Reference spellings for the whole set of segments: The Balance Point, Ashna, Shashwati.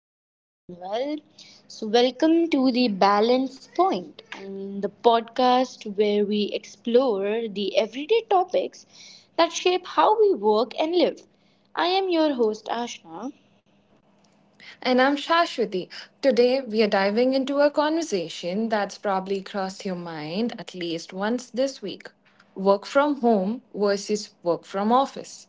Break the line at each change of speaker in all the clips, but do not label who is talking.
you all are doing well. Welcome to the Balance Point. The podcast where we explore the everyday topics that shape how we work and live. I am your host, Ashna.
And I'm Shashwati. Today, we are diving into a conversation that's probably crossed your mind at least once this week, work from home versus work from office.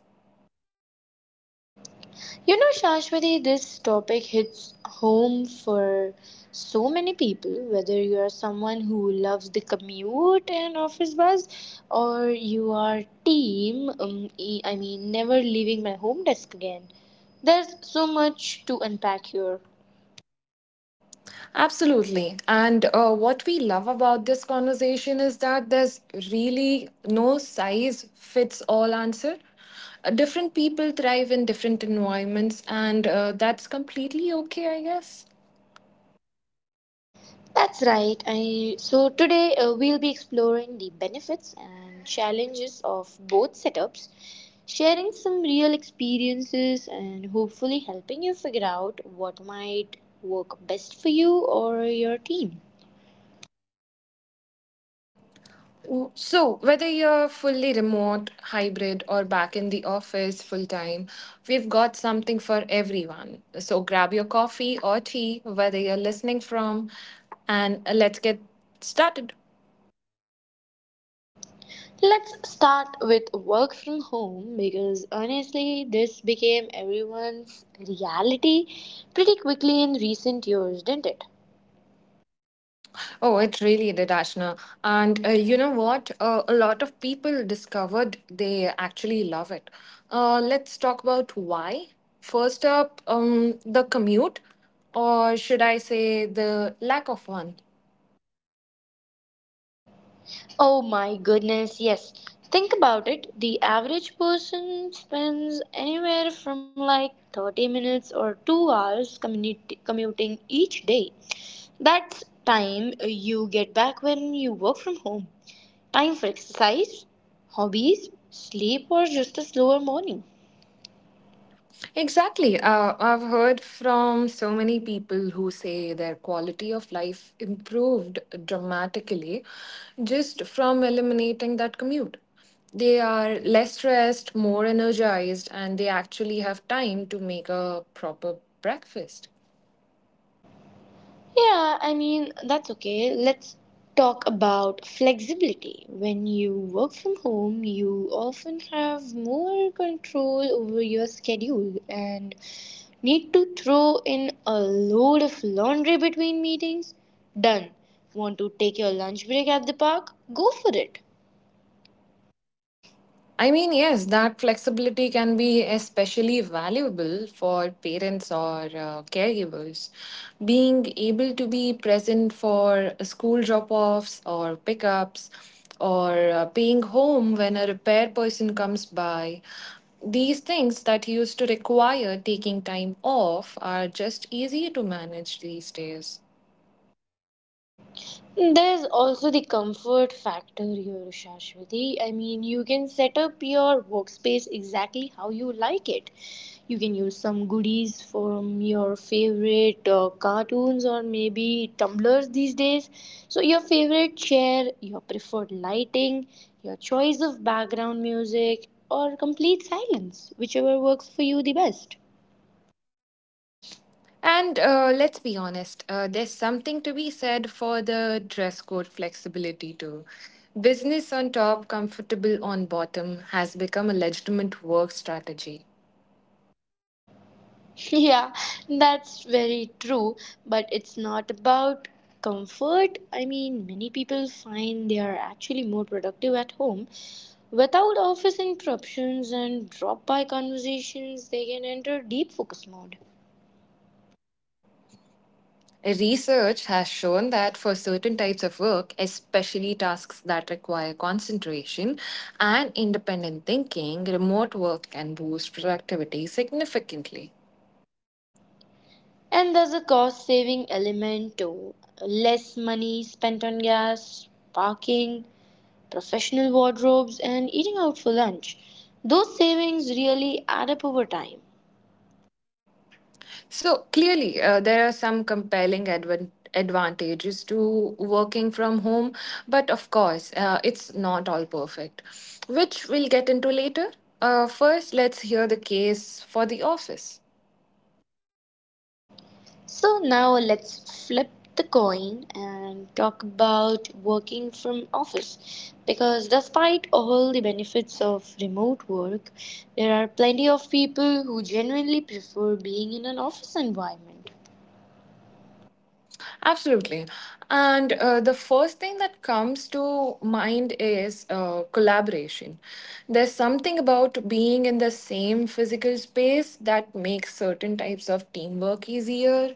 You know, Shashwati, this topic hits home for so many people, whether you are someone who loves the commute and office bus, or you are team, never leaving my home desk again. There's so much to unpack here.
Absolutely. And what we love about this conversation is that there's really no size fits all answer. Different people thrive in different environments, and that's completely okay, I guess.
That's right. Today we'll be exploring the benefits and challenges of both setups, sharing some real experiences, and hopefully helping you figure out what might work best for you or your team.
So, whether you're fully remote, hybrid, or back in the office full time, we've got something for everyone. So, grab your coffee or tea, whether you're listening from, and let's get started.
Let's start with work from home because honestly, this became everyone's reality pretty quickly in recent years, didn't it?
Oh, it really did, Ashna. And You know what? A lot of people discovered they actually love it. Let's talk about why. First up, the commute, or should I say the lack of one?
Oh my goodness, yes. Think about it. The average person spends anywhere from like 30 minutes or 2 hours commuting each day. That's time you get back when you work from home. Time for exercise, hobbies, sleep, or just a slower morning.
Exactly. I've heard from so many people who say their quality of life improved dramatically just from eliminating that commute. They are less stressed, more energized, and they actually have time to make a proper breakfast.
Yeah, I mean, that's okay. Let's talk about flexibility. When you work from home, you often have more control over your schedule and need to throw in a load of laundry between meetings. Done. Want to take your lunch break at the park? Go for it.
I mean, yes, that flexibility can be especially valuable for parents or caregivers. Being able to be present for school drop offs or pickups, or being home when a repair person comes by. These things that used to require taking time off are just easier to manage these days.
There's also the comfort factor here, Shashwati. I mean, you can set up your workspace exactly how you like it. You can use some goodies from your favorite cartoons or maybe tumblers these days. So, your favorite chair, your preferred lighting, your choice of background music, or complete silence, whichever works for you the best.
And let's be honest, there's something to be said for the dress code flexibility too. Business on top, comfortable on bottom has become a legitimate work strategy.
Yeah, that's very true, but it's not about comfort. I mean, many people find they are actually more productive at home. Without office interruptions and drop by conversations, they can enter deep focus mode.
Research has shown that for certain types of work, especially tasks that require concentration and independent thinking, remote work can boost productivity significantly.
And there's a cost saving element too. Less money spent on gas, parking, professional wardrobes, and eating out for lunch. Those savings really add up over time.
So clearly, there are some compelling advantages to working from home, but of course, it's not all perfect, which we'll get into later. First, let's hear the case for the office.
So now let's flip the coin and talk about working from office because despite all the benefits of remote work, there are plenty of people who genuinely prefer being in an office environment.
Absolutely. And the first thing that comes to mind is collaboration. There's something about being in the same physical space that makes certain types of teamwork easier.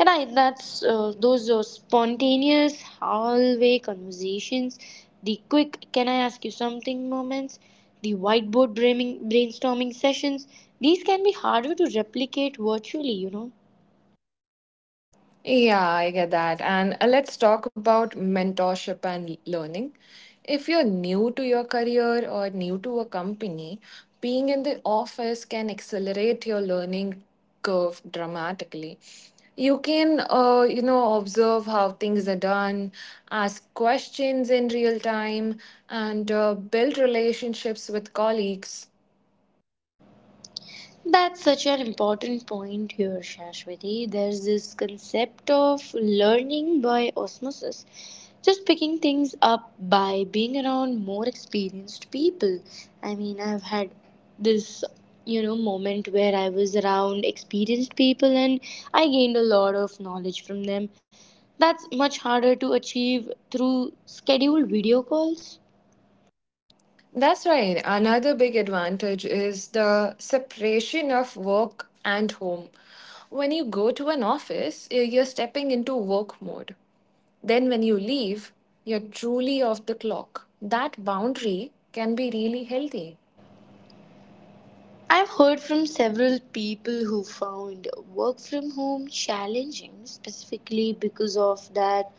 And I? That's Those are spontaneous hallway conversations, the quick "Can I ask you something?" moments, the brainstorming sessions. These can be harder to replicate virtually, you know.
Yeah, I get that. And let's talk about mentorship and learning. If you're new to your career or new to a company, being in the office can accelerate your learning curve dramatically. You can, you know, observe how things are done, ask questions in real time, and build relationships with colleagues.
That's such an important point here, Shashwati. There's this concept of learning by osmosis, just picking things up by being around more experienced people. I mean, I've had this, moment where I was around experienced people and I gained a lot of knowledge from them. That's much harder to achieve through scheduled video calls.
That's right. Another big advantage is the separation of work and home. When you go to an office, you're stepping into work mode. Then when you leave, you're truly off the clock. That boundary can be really healthy.
I've heard from several people who found work from home challenging specifically because of that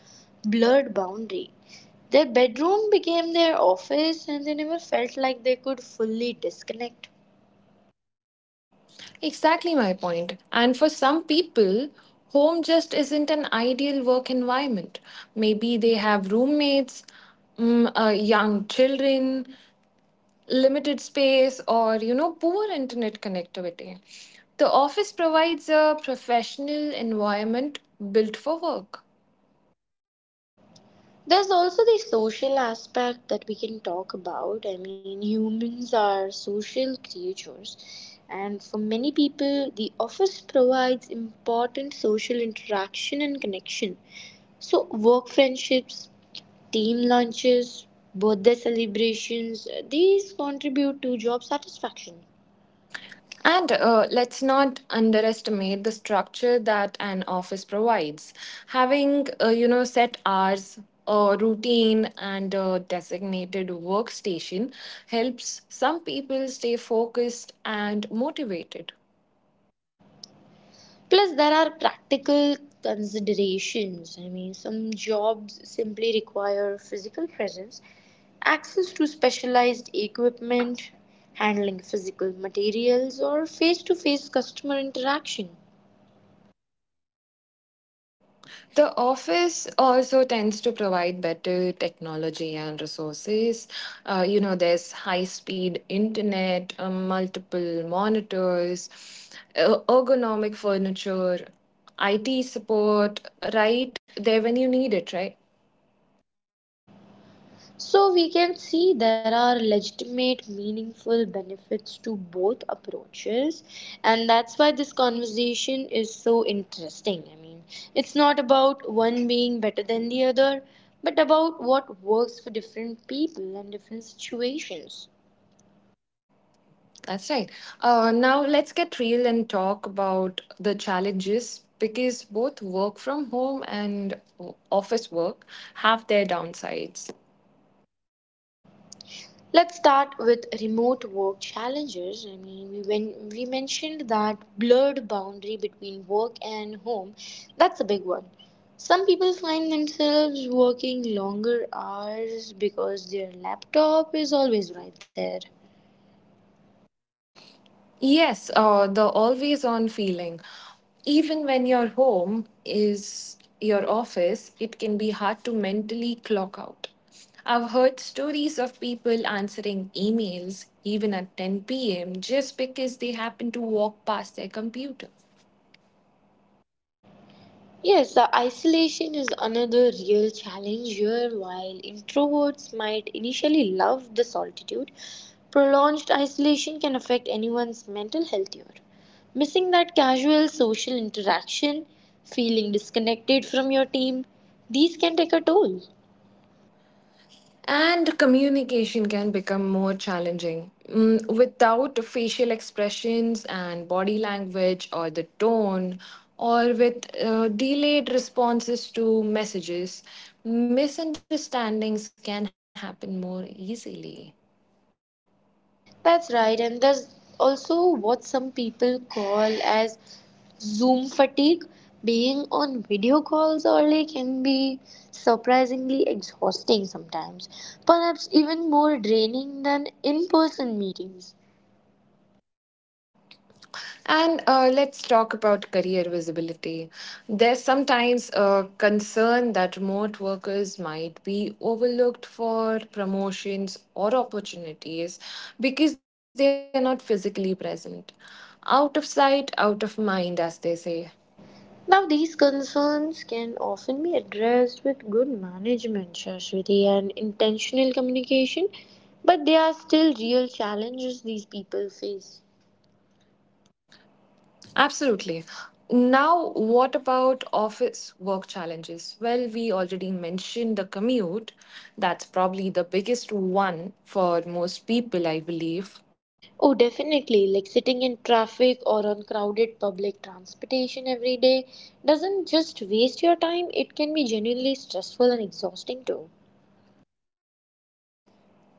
blurred boundary. Their bedroom became their office and they never felt like they could fully disconnect.
Exactly my point. And for some people, home just isn't an ideal work environment. Maybe they have roommates, young children, limited space, or you know, poor internet connectivity. The office provides a professional environment built for work.
There's also the social aspect that we can talk about. I mean, humans are social creatures, and for many people, the office provides important social interaction and connection. So, work friendships, team lunches, birthday celebrations, these contribute to job satisfaction.
And let's not underestimate the structure that an office provides. Having, you know, set hours, a routine, and a designated workstation helps some people stay focused and motivated.
Plus, there are practical considerations. I mean, some jobs simply require physical presence, access to specialized equipment, handling physical materials, or face to face customer interaction.
The office also tends to provide better technology and resources. You know, there's high speed internet, multiple monitors, ergonomic furniture, IT support right there when you need it, right?
So we can see there are legitimate, meaningful benefits to both approaches, and that's why this conversation is so interesting. I mean, it's not about one being better than the other, but about what works for different people and different situations.
That's right. Now, let's get real and talk about the challenges because both work from home and office work have their downsides.
Let's start with remote work challenges. I mean, we when we mentioned that blurred boundary between work and home, that's a big one. Some people find themselves working longer hours because their laptop is always right there.
Yes, the always on feeling. Even when your home is your office, it can be hard to mentally clock out. I've heard stories of people answering emails even at 10 p.m. just because they happen to walk past their computer.
Yes, the isolation is another real challenge here. While introverts might initially love the solitude, prolonged isolation can affect anyone's mental health here. Missing that casual social interaction, feeling disconnected from your team, these can take a toll.
And communication can become more challenging. Mm, without facial expressions and body language or the tone, or with delayed responses to messages, misunderstandings can happen more easily.
That's right, and there's also what some people call as Zoom fatigue. Being on video calls early can be surprisingly exhausting sometimes, perhaps even more draining than in person meetings.
And let's talk about career visibility. There's sometimes a concern that remote workers might be overlooked for promotions or opportunities because they are not physically present. Out of sight, out of mind, as they say.
Now, these concerns can often be addressed with good management, Shashwati, and intentional communication, but they are still real challenges these people face.
Absolutely. Now, what about office work challenges? Well, we already mentioned the commute. That's probably the biggest one for most people, I believe.
Oh, definitely. Like sitting in traffic or on crowded public transportation every day doesn't just waste your time, it can be genuinely stressful and exhausting too.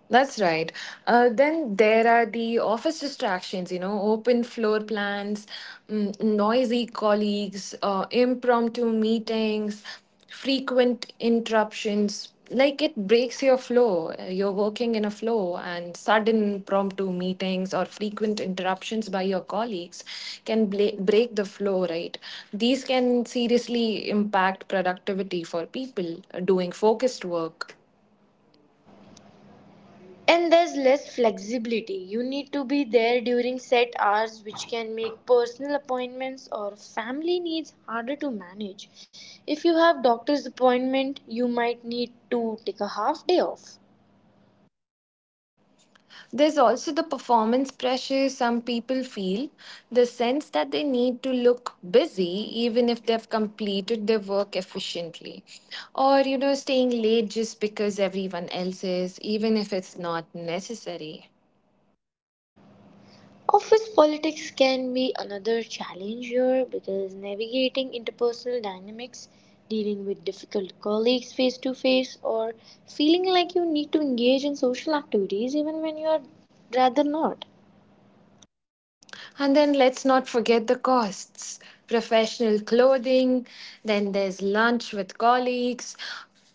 That's right. Then there are the office distractions, you know, open floor plans, noisy colleagues, impromptu meetings, frequent interruptions. Like it breaks your flow. You're working in a flow, and sudden impromptu meetings or frequent interruptions by your colleagues can break the flow, right? These can seriously impact productivity for people doing focused work.
And there's less flexibility. You need to be there during set hours, which can make personal appointments or family needs harder to manage. If you have doctor's appointment, you might need to take a half day off.
There's also the performance pressure some people feel, the sense that they need to look busy even if they've completed their work efficiently, or you know, staying late just because everyone else is, even if it's not necessary.
Office politics can be another challenge here because navigating interpersonal dynamics, dealing with difficult colleagues face to face, or feeling like you need to engage in social activities even when you are rather not.
And then let's not forget the costs, professional clothing, then there's lunch with colleagues,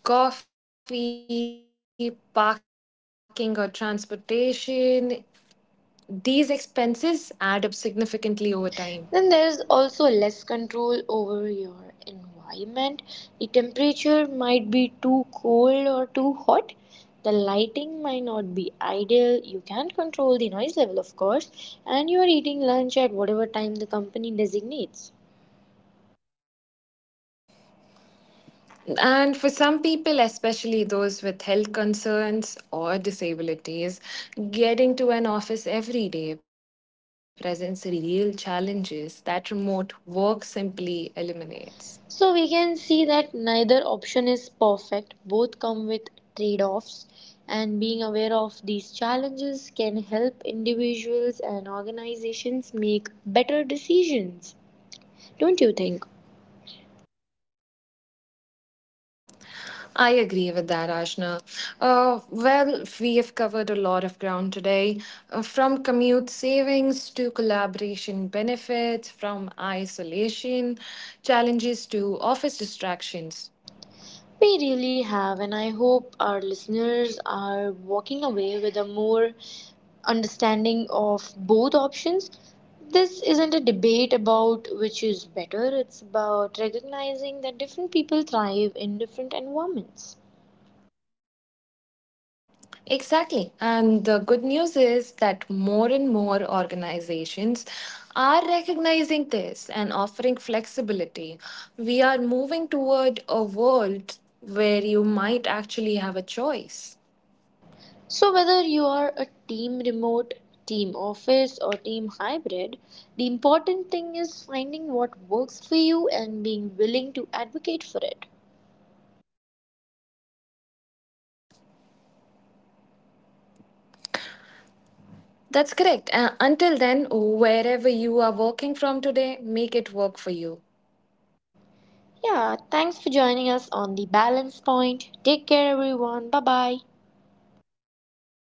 coffee, parking or transportation. These expenses add up significantly over time.
Then there is also less control over your environment. The temperature might be too cold or too hot. The lighting might not be ideal. You can't control the noise level, of course. And you are eating lunch at whatever time the company designates.
And for some people, especially those with health concerns or disabilities, getting to an office every day presents real challenges that remote work simply eliminates.
So we can see that neither option is perfect. Both come with trade offs. And being aware of these challenges can help individuals and organizations make better decisions. Don't you think?
I agree with that, Ashna. Well, we have covered a lot of ground today, from commute savings to collaboration benefits, from isolation challenges to office distractions.
We really have, and I hope our listeners are walking away with a more understanding of both options. This isn't a debate about which is better, it's about recognizing that different people thrive in different environments.
Exactly. And the good news is that more and more organizations are recognizing this and offering flexibility. We are moving toward a world where you might actually have a choice.
So, whether you are a team remote, team office, or team hybrid, the important thing is finding what works for you and being willing to advocate for it.
That's correct. Until then, wherever you are working from today, make it work for you.
Yeah, thanks for joining us on The Balance Point. Take care, everyone. Bye bye.